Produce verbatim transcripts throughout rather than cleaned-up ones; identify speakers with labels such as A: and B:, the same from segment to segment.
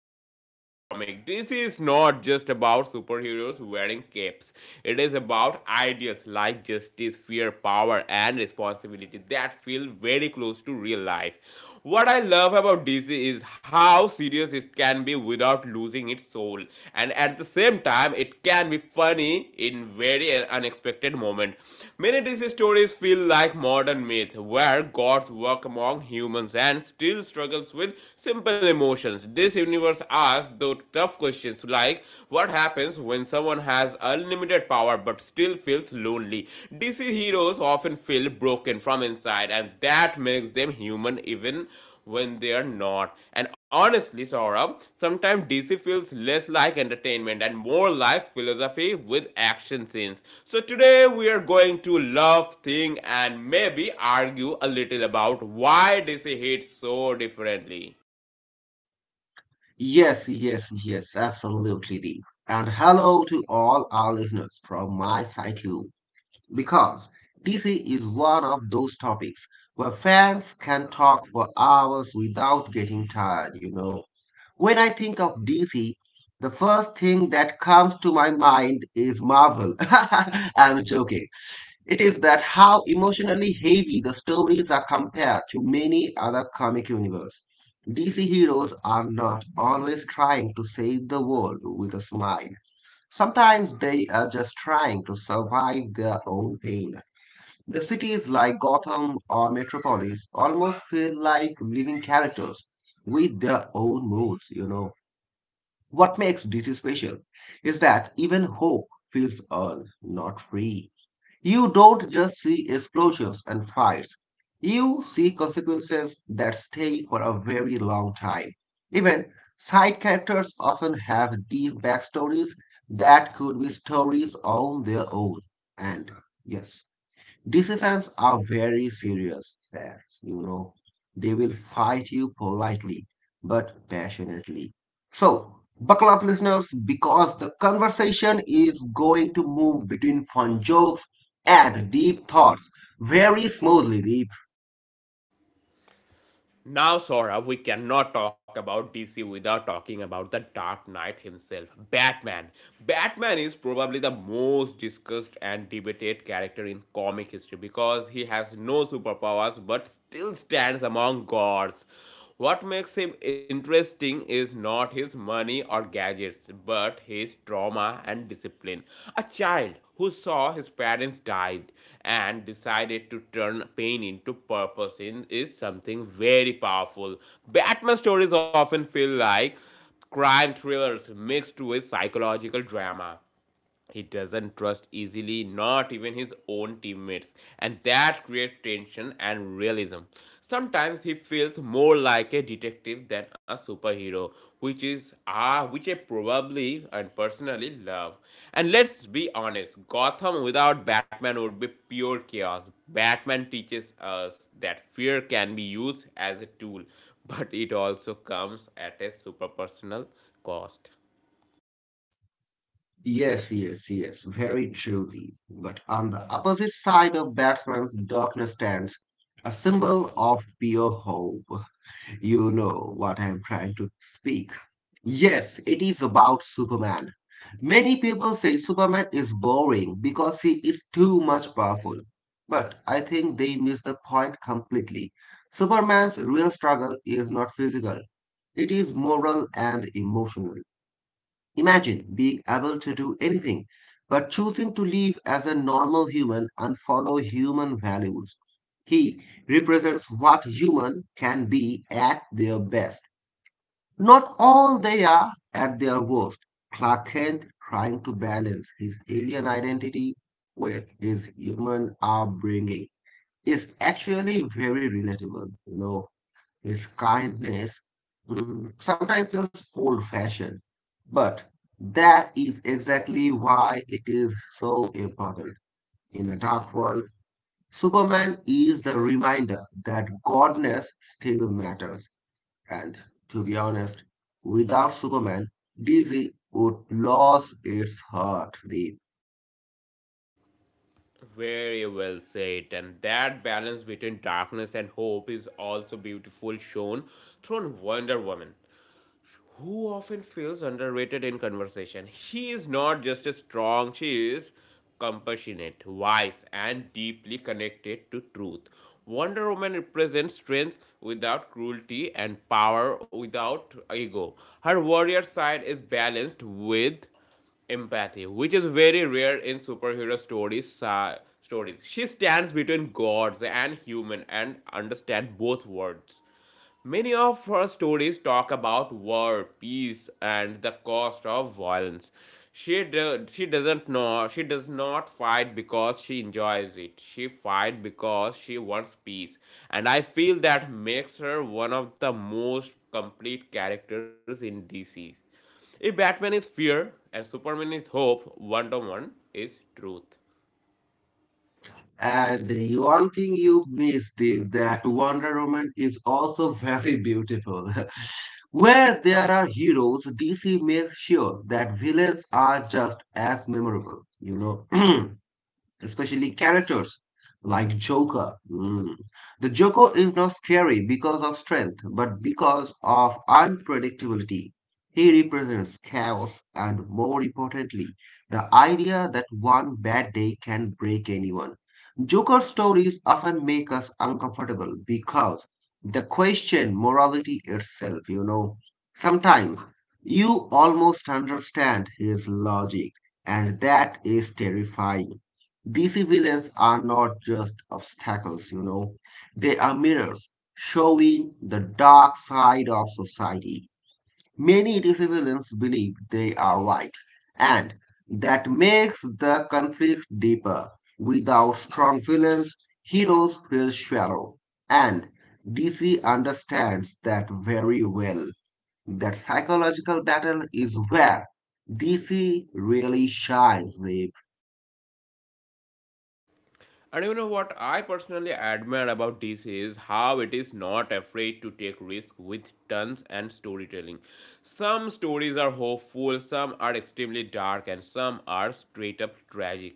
A: of D C Comics. This is not just about superheroes wearing capes. It is about ideas like justice, fear, power, and and responsibility that feel very close to real life. What I love about D C is how serious it can be without losing its soul, and at the same time, it can be funny in very unexpected moment. Many D C stories feel like modern myths where gods work among humans and still struggles with simple emotions. This universe asks those tough questions like what happens when when someone has unlimited power but still feels lonely. D C heroes often feel broken from inside, and that makes them human even when they are not. And honestly, Saurabh, sometimes D C feels less like entertainment and more like philosophy with action scenes. So today we are going to love, think, and maybe argue a little about why D C hits so differently.
B: Yes, yes, yes, absolutely, Deep. And hello to all our listeners from my side too, because D C is one of those topics where fans can talk for hours without getting tired, you know. When I think of D C, the first thing that comes to my mind is Marvel. I'm joking. It is that how emotionally heavy the stories are compared to many other comic universe. D C heroes are not always trying to save the world with a smile. Sometimes they are just trying to survive their own pain. The cities like Gotham or Metropolis almost feel like living characters with their own moods, you know. What makes D C special is that even hope feels earned, not free. You don't just see explosions and fires. You see consequences that stay for a very long time. Even side characters often have deep backstories that could be stories on their own. And yes, D C fans are very serious fans, you know. They will fight you politely but passionately. So, buckle up, listeners, because the conversation is going to move between fun jokes and deep thoughts very smoothly, Deep.
A: Now, Sora, we cannot talk about D C without talking about the Dark Knight himself, Batman. Batman is probably the most discussed and debated character in comic history because he has no superpowers but still stands among gods. What makes him interesting is not his money or gadgets, but his trauma and discipline. A child who saw his parents died and decided to turn pain into purpose in, is something very powerful. Batman stories often feel like crime thrillers mixed with psychological drama. He doesn't trust easily, not even his own teammates, and that creates tension and realism. Sometimes he feels more like a detective than a superhero, which is ah which I probably and personally love. And let's be honest, Gotham without Batman would be pure chaos. Batman teaches us that fear can be used as a tool, but it also comes at a super personal cost.
B: Yes, yes, yes, very truly. But on the opposite side of batsman's darkness stands a symbol of pure hope. You know what I am trying to speak. Yes, it is about Superman. Many people say Superman is boring because he is too much powerful. But I think they miss the point completely. Superman's real struggle is not physical, it is moral and emotional. Imagine being able to do anything, but choosing to live as a normal human and follow human values. He represents what human can be at their best, not all they are at their worst. Clark Kent trying to balance his alien identity with his human upbringing is actually very relatable. You know his kindness mm, sometimes feels old fashioned, but that is exactly why it is so important. In a dark world, Superman is the reminder that godness still matters. And to be honest, without Superman, D C would lose its heart. The
A: Very well said. And that balance between darkness and hope is also beautiful shown through Wonder Woman, who often feels underrated in conversation. She is not just strong, she is compassionate, wise, and deeply connected to truth. Wonder Woman represents strength without cruelty and power without ego. Her warrior side is balanced with empathy, which is very rare in superhero stories. sa- stories. She stands between gods and human and understands both worlds. Many of her stories talk about war, peace, and the cost of violence. She do, she doesn't know she does not fight because she enjoys it. She fight because she wants peace, and I feel that makes her one of the most complete characters in D C. If Batman is fear and Superman is hope, Wonder Woman is truth.
B: And the one thing you missed the, that Wonder Woman is also very beautiful. Where there are heroes, D C makes sure that villains are just as memorable, you know. Especially characters like Joker. Mm. The Joker is not scary because of strength, but because of unpredictability. He represents chaos and, more importantly, the idea that one bad day can break anyone. Joker stories often make us uncomfortable because they question morality itself, you know. Sometimes you almost understand his logic, and that is terrifying. D C villains are not just obstacles, you know, they are mirrors showing the dark side of society. Many D C villains believe they are right, and that makes the conflict deeper. Without strong villains, heroes feel shallow, and D C understands that very well. That psychological battle is where D C really shines, babe.
A: And you know what I personally admire about D C is how it is not afraid to take risks with tons and storytelling. Some stories are hopeful, some are extremely dark, and some are straight up tragic.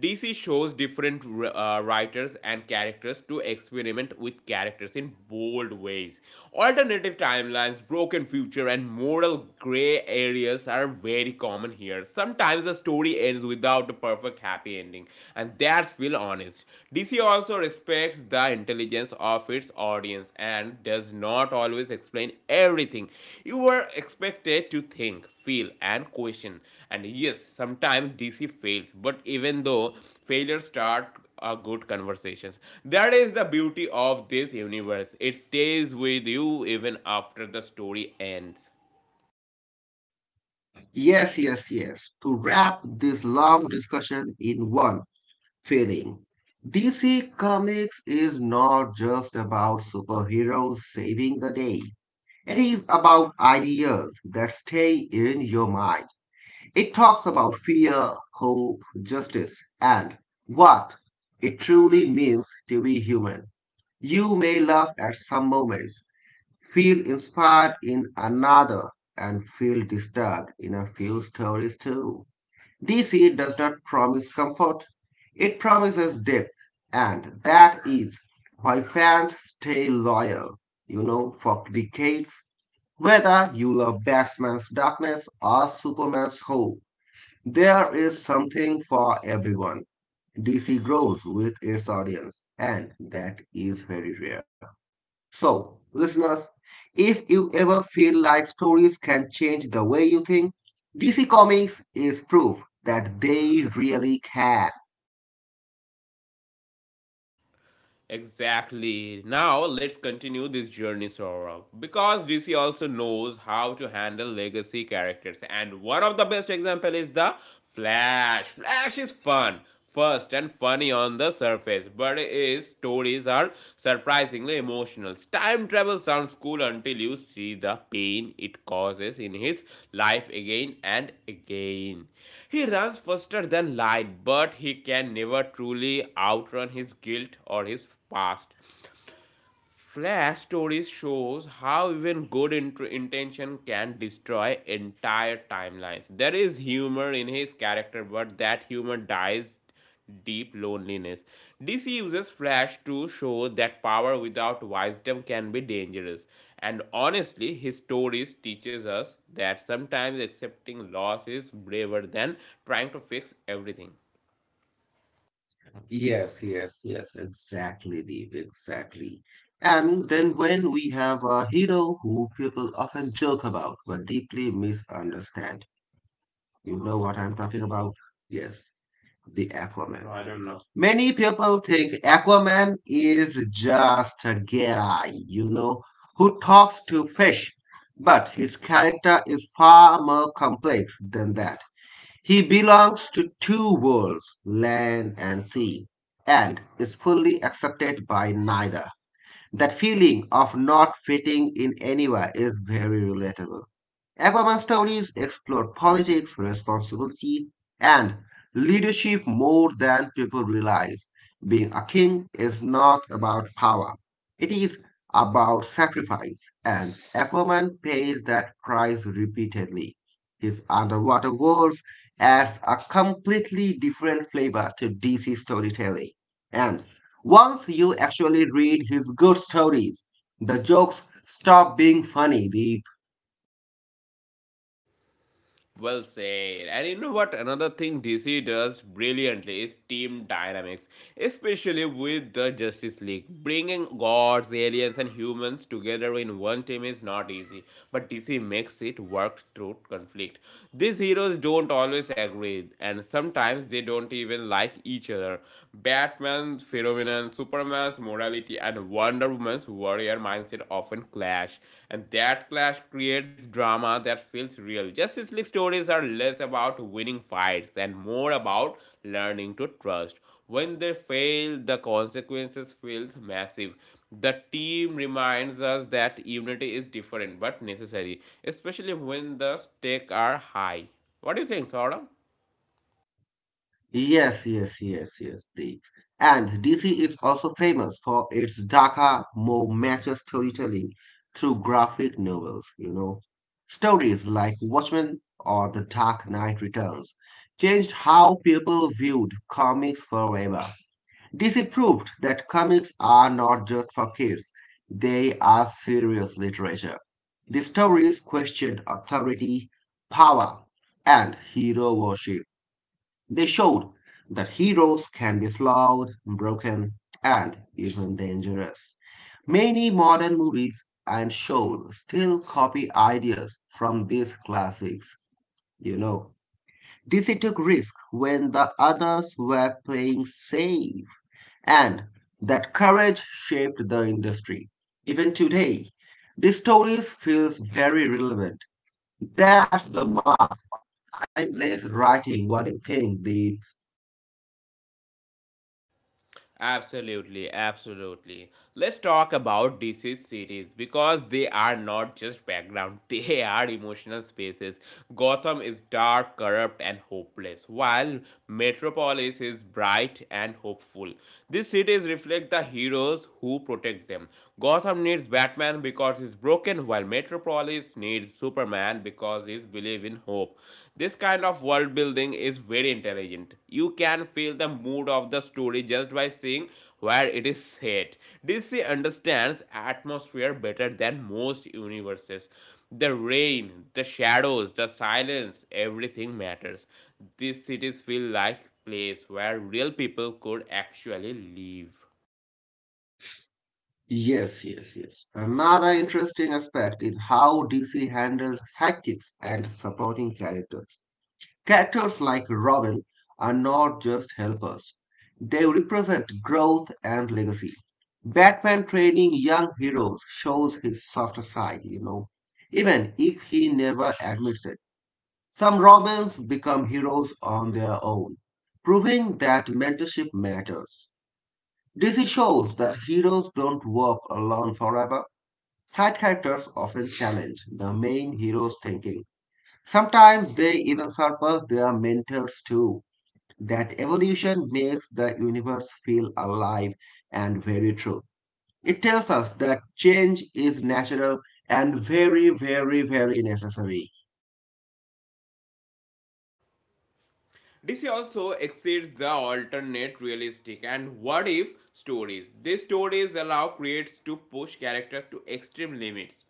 A: D C shows different uh, writers and characters to experiment with characters in bold ways. Alternative timelines, broken future, and moral gray areas are very common here. Sometimes sometimes the story ends without a perfect happy ending, and that's feel honest. D C also respects the intelligence of its audience and does not always explain everything. You were expected to think, feel, and question. And yes, sometimes D C fails, but even though failures start a good conversations. That is the beauty of this universe. It stays with you even after the story ends.
B: Yes, yes, yes. To wrap this long discussion in one feeling, D C Comics is not just about superheroes saving the day. It is about ideas that stay in your mind. It talks about fear, hope, justice, and what it truly means to be human. You may laugh at some moments, feel inspired in another, and feel disturbed in a few stories too. D C does not promise comfort, it promises depth, and that is why fans stay loyal, you know, for decades. Whether you love Batman's darkness or Superman's hope, there is something for everyone. D C grows with its audience, and that is very rare. So, listeners, if you ever feel like stories can change the way you think, D C Comics is proof that they really can.
A: Exactly. Now let's continue this journey, Saurabh. Because D C also knows how to handle legacy characters, and one of the best example is the Flash. Flash is fun, first and funny on the surface, but his stories are movies are surprisingly emotional. Time travel sounds cool until you see the pain it causes in his life again and again. He runs faster than light, but he can never truly outrun his guilt or his past. Flash stories shows how even good int- intention can destroy entire timelines. There is humor in his character, but that humor dies deep loneliness. D C uses Flash to show that power without wisdom can be dangerous. And honestly, his stories teaches us that sometimes accepting loss is braver than trying to fix everything.
B: Yes, yes, yes, exactly, Deep, exactly. And then when we have a hero who people often joke about but deeply misunderstand, you know what I'm talking about? Yes. The Aquaman. I don't know. Many people think Aquaman is just a guy, you know, who talks to fish. But his character is far more complex than that. He belongs to two worlds, land and sea, and is fully accepted by neither. That feeling of not fitting in anywhere is very relatable. Aquaman stories explore politics, responsibility, and leadership more than people realize. Being a king is not about power, it is about sacrifice, and Aquaman pays that price repeatedly. His underwater worlds adds a completely different flavor to D C storytelling. And once you actually read his good stories, the jokes stop being funny. The
A: Well said. And you know what? Another thing D C does brilliantly is team dynamics, especially with the Justice League. Bringing gods, aliens, and humans together in one team is not easy, but D C makes it work through conflict. These heroes don't always agree, and sometimes they don't even like each other. Batman's phenomenon, Superman's morality, and Wonder Woman's warrior mindset often clash, and that clash creates drama that feels real. Justice League stories are less about winning fights and more about learning to trust. When they fail, the consequences feel massive. The team reminds us that unity is different but necessary, especially when the stakes are high. What do you think, Saurabh?
B: Yes, yes, yes, yes. The and D C is also famous for its darker, more mature storytelling through graphic novels, you know. Stories like Watchmen or The Dark Knight Returns changed how people viewed comics forever. D C proved that comics are not just for kids, they are serious literature. The stories questioned authority, power, and hero worship. They showed that heroes can be flawed, broken, and even dangerous. Many modern movies and shows still copy ideas from these classics, you know. D C took risk when the others were playing safe, and that courage shaped the industry. Even today, these stories feel very relevant. That's the mark I place writing what you think the
A: Absolutely, absolutely. Let's talk about D C cities because they are not just background, they are emotional spaces. Gotham is dark, corrupt, and hopeless, while Metropolis is bright and hopeful. These cities reflect the heroes who protect them. Gotham needs Batman because he's broken, while Metropolis needs Superman because he's believe in hope. This kind of world building is very intelligent. You can feel the mood of the story just by seeing where it is set. D C understands atmosphere better than most universes. The rain, the shadows, the silence, everything matters. These cities feel like a place where real people could actually live.
B: Yes, yes, yes. Another interesting aspect is how D C handles sidekicks and supporting characters. Characters like Robin are not just helpers, they represent growth and legacy. Batman training young heroes shows his softer side, you know, even if he never admits it. Some Robins become heroes on their own, proving that mentorship matters. D C shows that heroes don't work alone forever. Side characters often challenge the main hero's thinking. Sometimes they even surpass their mentors too. That evolution makes the universe feel alive and very true. It tells us that change is natural and very, very, very necessary.
A: D C also exceeds the alternate realistic and what if stories. These stories allow creators to push characters to extreme limits.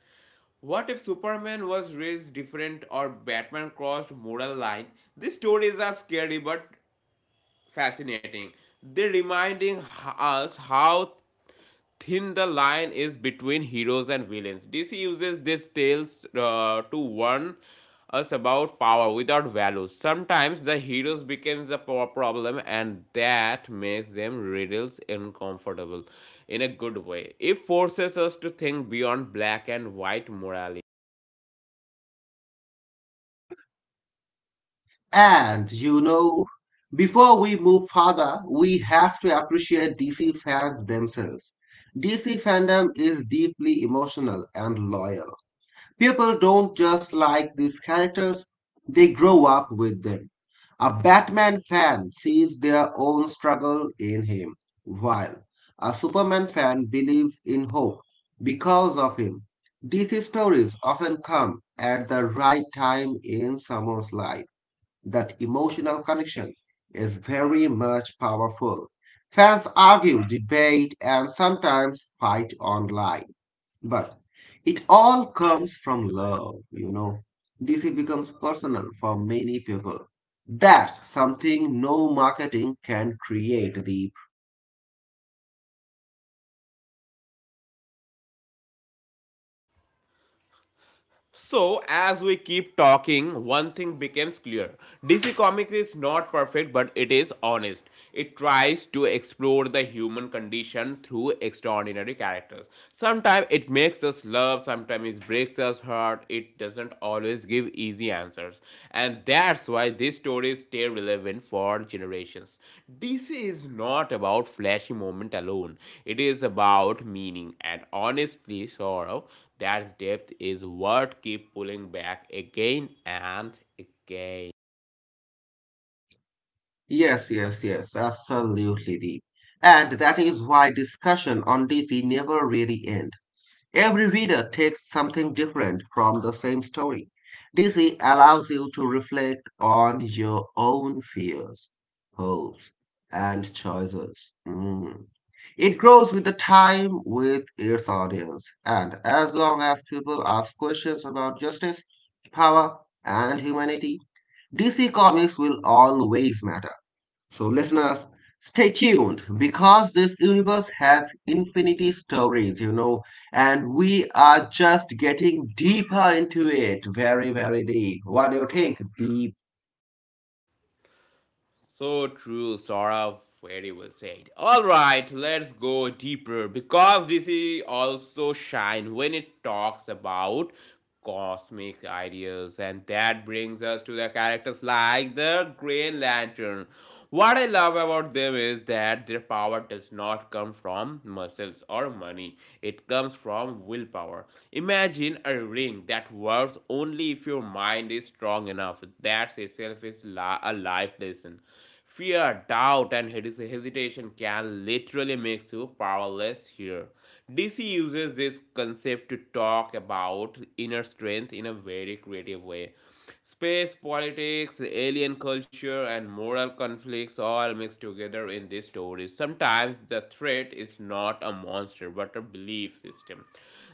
A: What if Superman was raised different or Batman crossed moral line? These stories are scary but fascinating. They reminding us how thin the line is between heroes and villains. D C uses these tales uh, to warn us about power without values. Sometimes the heroes become the power problem, and that makes them riddles uncomfortable in a good way. It forces us to think beyond black and white morality.
B: What? And you know, before we move further, we have to appreciate D C fans themselves. D C fandom is deeply emotional and loyal. People don't just like these characters, they grow up with them. A Batman fan sees their own struggle in him, while a Superman fan believes in hope because of him. D C stories often come at the right time in someone's life. That emotional connection is very much powerful. Fans argue, debate, and sometimes fight online. But it all comes from love, you know. D C becomes personal for many people. That's something no marketing can create, Deep.
A: So, as we keep talking, one thing becomes clear. D C Comics is not perfect, but it is honest. It tries to explore the human condition through extraordinary characters. Sometimes it makes us love, sometimes it breaks us heart. It doesn't always give easy answers. And that's why these stories stay relevant for generations. D C is not about flashy moment alone. It is about meaning and honestly sorrow. That depth is what keep pulling back again and again.
B: Yes, yes, yes, absolutely, Deep. And that is why discussion on D C never really ends. Every reader takes something different from the same story. D C allows you to reflect on your own fears, hopes, and choices. Mm. It grows with the time with its audience, and as long as people ask questions about justice, power, and humanity, D C Comics will always matter. So, listeners, stay tuned because this universe has infinity stories, you know, and we are just getting deeper into it. Very, very deep. What do you think? Deep.
A: So true, Saurav. Very well said. All right, let's go deeper because D C also shine when it talks about cosmic ideas, and that brings us to the characters like the Green Lantern. What I love about them is that their power does not come from muscles or muscle money. It comes from willpower. Imagine a ring that works only if your mind is strong enough. That itself is a life lesson. Fear, doubt, and hesitation can literally make you powerless here. D C uses this concept to talk about inner strength in a very creative way. Space, politics, alien culture, and moral conflicts all mixed together in these stories. Sometimes the threat is not a monster but a belief system.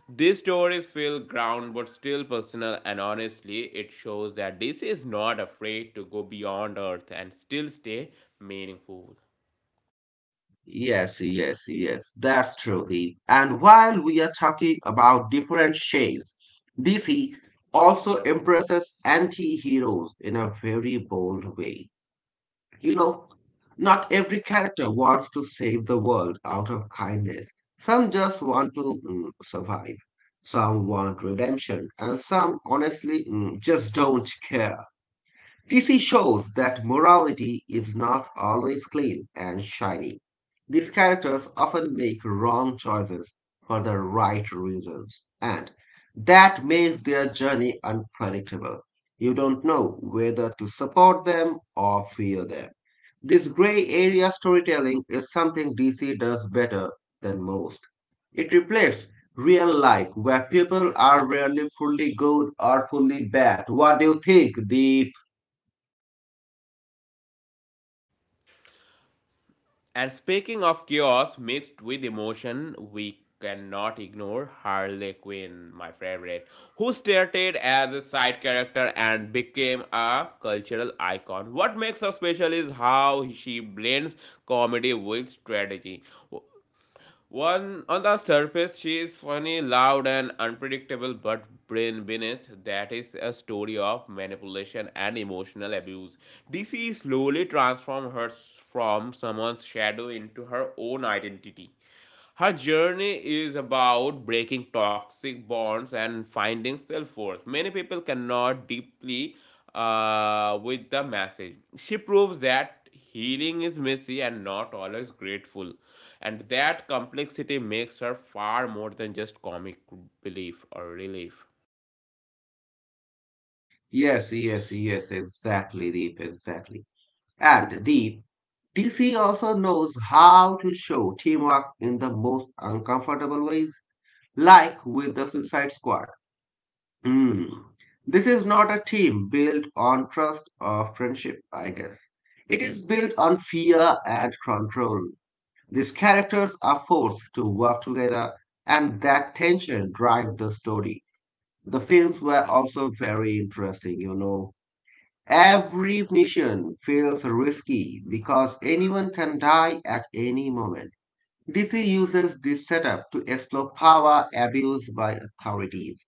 A: These stories feel ground but still personal, and honestly, it shows that D C is not afraid to go beyond Earth and still stay meaningful.
B: Yes, yes, yes. That's true, deep. And while we are talking about different shades, D C also embraces anti heroes in a very bold way. You know, Not every character wants to save the world out of kindness. Some just want to mm, survive. Some want redemption, and some honestly mm, just don't care. T C shows that morality is not always clean and shiny. These characters often make wrong choices for the right reasons, and that makes their journey unpredictable. You don't know whether to support them or fear them. This gray area storytelling is something D C does better than most. It reflects real life where people are rarely fully good or fully bad. What do you think, Deep?
A: And speaking of chaos mixed with emotion, we cannot ignore Harley Quinn, my favorite, who started as a side character and became a cultural icon. What makes her special is how she blends comedy with strategy. One on the surface, she is funny, loud, and unpredictable, but brain beneath that is a story of manipulation and emotional abuse. D C slowly transforms her from someone's shadow into her own identity. Her journey is about breaking toxic bonds and finding self worth. Many people cannot deeply uh, with the message. She proves that healing is messy and not always grateful, and that complexity makes her far more than just comic relief or relief.
B: Yes, yes, yes, exactly, Deep, exactly. And Deep, D C also knows how to show teamwork in the most uncomfortable ways, like with the Suicide Squad. Mm. This is not a team built on trust or friendship, I guess. It is built on fear and control. These characters are forced to work together, and that tension drives the story. The films were also very interesting, you know. Every mission feels risky because anyone can die at any moment. D C uses this setup to explore power abuse by authorities.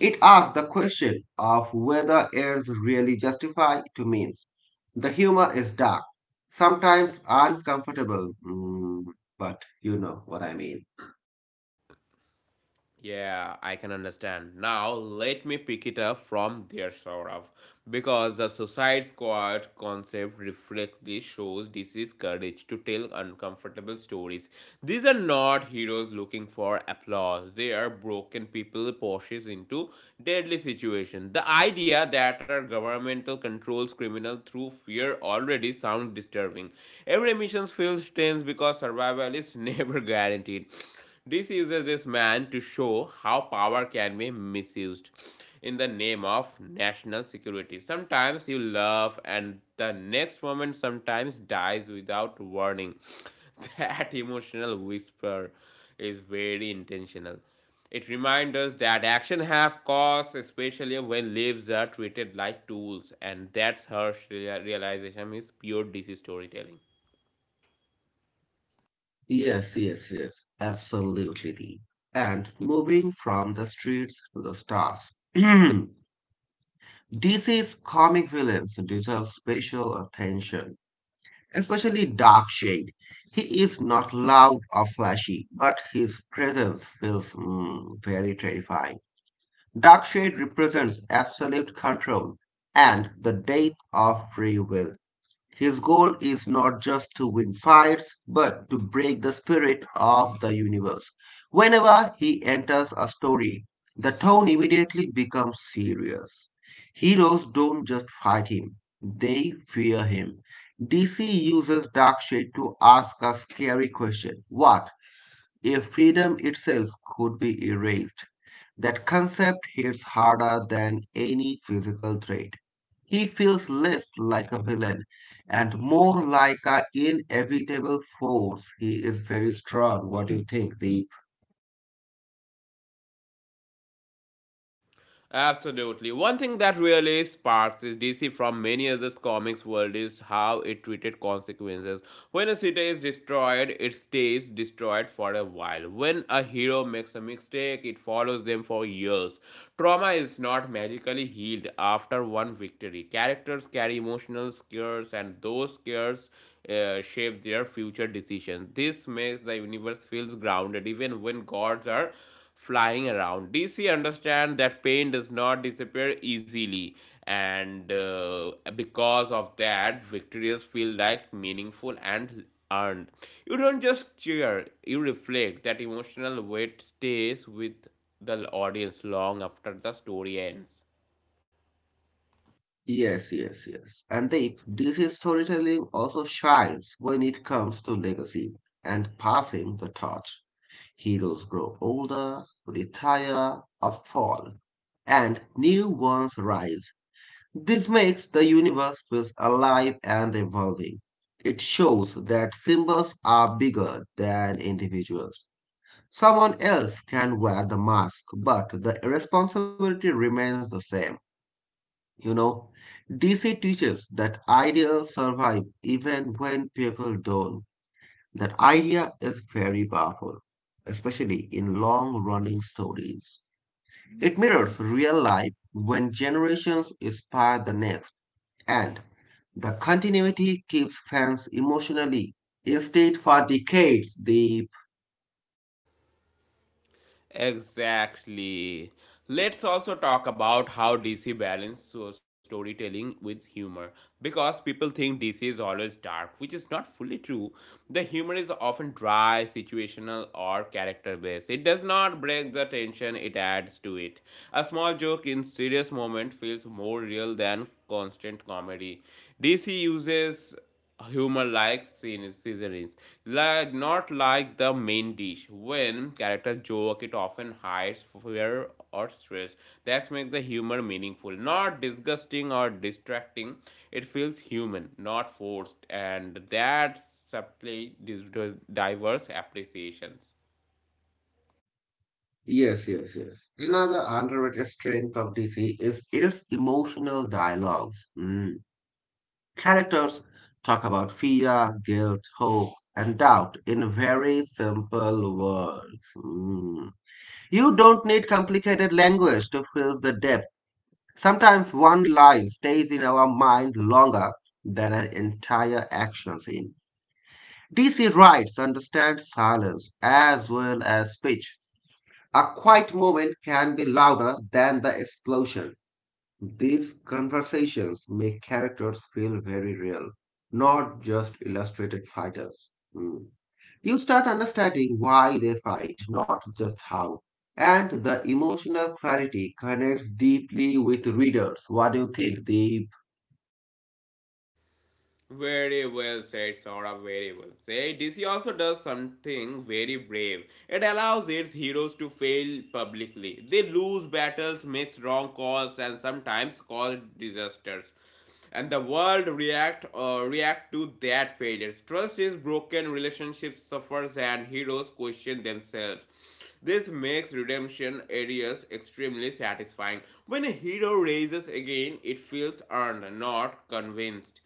B: It asks the question of whether errors really justify to means. The humor is dark, sometimes uncomfortable, mm, but you know what I mean.
A: Yeah, I can understand. Now, let me pick it up from there, sort of. Because the Suicide Squad concept reflectly shows D C's courage to tell uncomfortable stories. These are not heroes looking for applause, they are broken people pushed into deadly situations. The idea that our governmental controls criminals through fear already sounds disturbing. Every mission feels tense because survival is never guaranteed. D C uses this man to show how power can be misused in the name of national security. Sometimes you love, and the next moment sometimes dies without warning. That emotional whisper is very intentional. It reminds us that action have costs, especially when lives are treated like tools, and that's harsh realization is pure D C storytelling.
B: Yes, yes, yes. Absolutely. Dee. And moving from the streets to the stars. D C's comic villains deserve special attention, especially Darkshade. He is not loud or flashy, but his presence feels mm, very terrifying. Dark shade represents absolute control and the death of free will. His goal is not just to win fights, but to break the spirit of the universe. Whenever he enters a story, the tone immediately becomes serious. Heroes don't just fight him, they fear him. D C uses Darkshade to ask a scary question. What if freedom itself could be erased? That concept hits harder than any physical threat. He feels less like a villain and more like an inevitable force. He is very strong. What do you think, Deep?
A: Absolutely. One thing that really sparks is D C from many other comics world is how it treated consequences. When a city is destroyed, it stays destroyed for a while. When a hero makes a mistake, it follows them for years. Trauma is not magically healed after one victory. Characters carry emotional scars and those scars uh, shape their future decisions. This makes the universe feels grounded even when gods are flying around. D C understand that pain does not disappear easily, and uh, because of that, victories feel like meaningful and earned. You don't just cheer; you reflect. That emotional weight stays with the audience long after the story ends.
B: Yes, yes, yes. And Deep, D C storytelling also shines when it comes to legacy and passing the torch. Heroes grow older, retire, or fall, and new ones rise. This makes the universe feel alive and evolving. It shows that symbols are bigger than individuals. Someone else can wear the mask, but the responsibility remains the same. You know, D C teaches that ideas survive even when people don't. That idea is very powerful, especially in long running stories. It mirrors real life when generations inspire the next and the continuity keeps fans emotionally stayed for decades. The
A: Exactly. Let's also talk about how D C balances so- storytelling with humor because people think D C is always dark, which is not fully true. The humor is often dry, situational, or character based. It does not break the tension, it adds to it. A small joke in serious moment feels more real than constant comedy. D C uses humor like scene seasonings, like not like the main dish. When characters joke, it often hides fear or stress. That makes the humor meaningful, not disgusting or distracting. It feels human, not forced, and that subtly diverse appreciations.
B: Yes, yes, yes. Another underrated strength of D C is its emotional dialogues. Mm. Characters talk about fear, guilt, hope, and doubt in very simple words. Mm. You don't need complicated language to feel the depth. Sometimes one line stays in our mind longer than an entire action scene. D C writes understand silence as well as speech. A quiet moment can be louder than the explosion. These conversations make characters feel very real, not just illustrated fighters. Mm. You start understanding why they fight, not just how. And the emotional clarity connects deeply with readers. What do you think, Deep?
A: Very well said, Sora. Very well said. D C also does something very brave. It allows its heroes to fail publicly. They lose battles, makes wrong calls, and sometimes cause disasters. And the world react uh, react to that failures. Trust is broken, relationships suffers, and heroes question themselves. This makes redemption areas extremely satisfying. When a hero raises again, it feels earned, not convinced.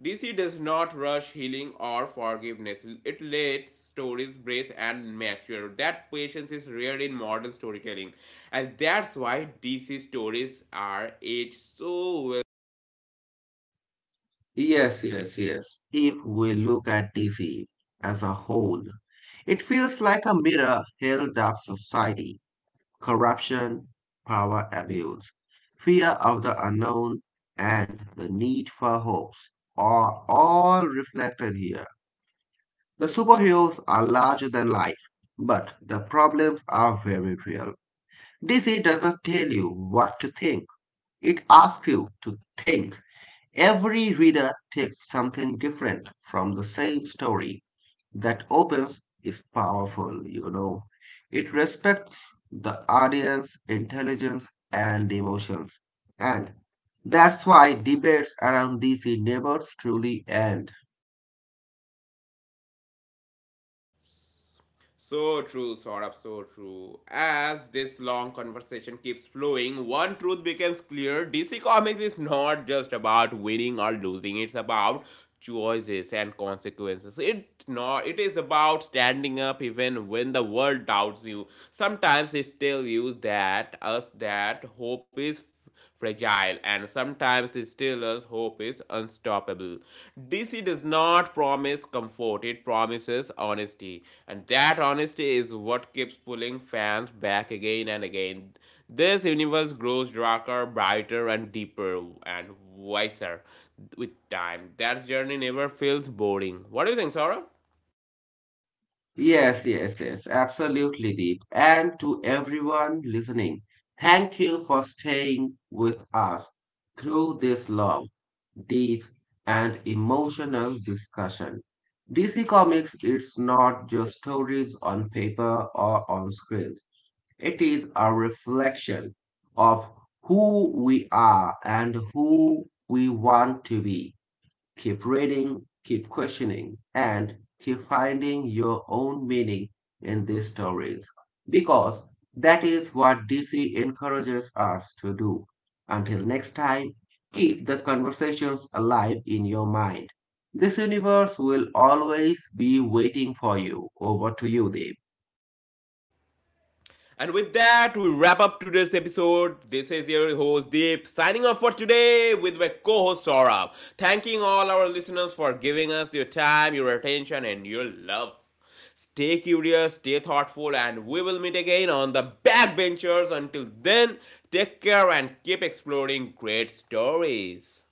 A: D C does not rush healing or forgiveness. It lets stories breathe and mature. That patience is rare in modern storytelling. And that's why D C stories are aged so well.
B: Yes, yes, yes. If we look at D C as a whole, it feels like a mirror held up society, corruption, power abuse, fear of the unknown, and the need for hopes are all reflected here. The superheroes are larger than life, but the problems are very real. D C doesn't tell you what to think. It asks you to think. Every reader takes something different from the same story. That opens is powerful, you know. It respects the audience, intelligence, and emotions. And that's why debates around D C neighbors truly end.
A: So true, Saurabh, so true. As this long conversation keeps flowing, one truth becomes clear. D C Comics is not just about winning or losing, it's about choices and consequences. It not it is about standing up even when the world doubts you. Sometimes it tells you that us that hope is fragile, and sometimes the Steelers' hope is unstoppable. D C does not promise comfort, it promises honesty, and that honesty is what keeps pulling fans back again and again. This universe grows darker, brighter, and deeper, and wiser with time. That journey never feels boring. What do you think, Sora?
B: Yes, yes, yes, absolutely, Deep. And to everyone listening, thank you for staying with us through this long, deep, and emotional discussion. D C Comics is not just stories on paper or on screens, it is a reflection of who we are and who we want to be. Keep reading, keep questioning, and keep finding your own meaning in these stories because that is what D C encourages us to do. Until next time, keep the conversations alive in your mind. This universe will always be waiting for you. Over to you, Deep.
A: And with that, we wrap up today's episode. This is your host Deep signing off for today with my co host Saurabh. Thanking all our listeners for giving us your time, your attention, and your love. Stay curious, stay thoughtful, and we will meet again on the backbenchers. Until then, take care and keep exploring great stories.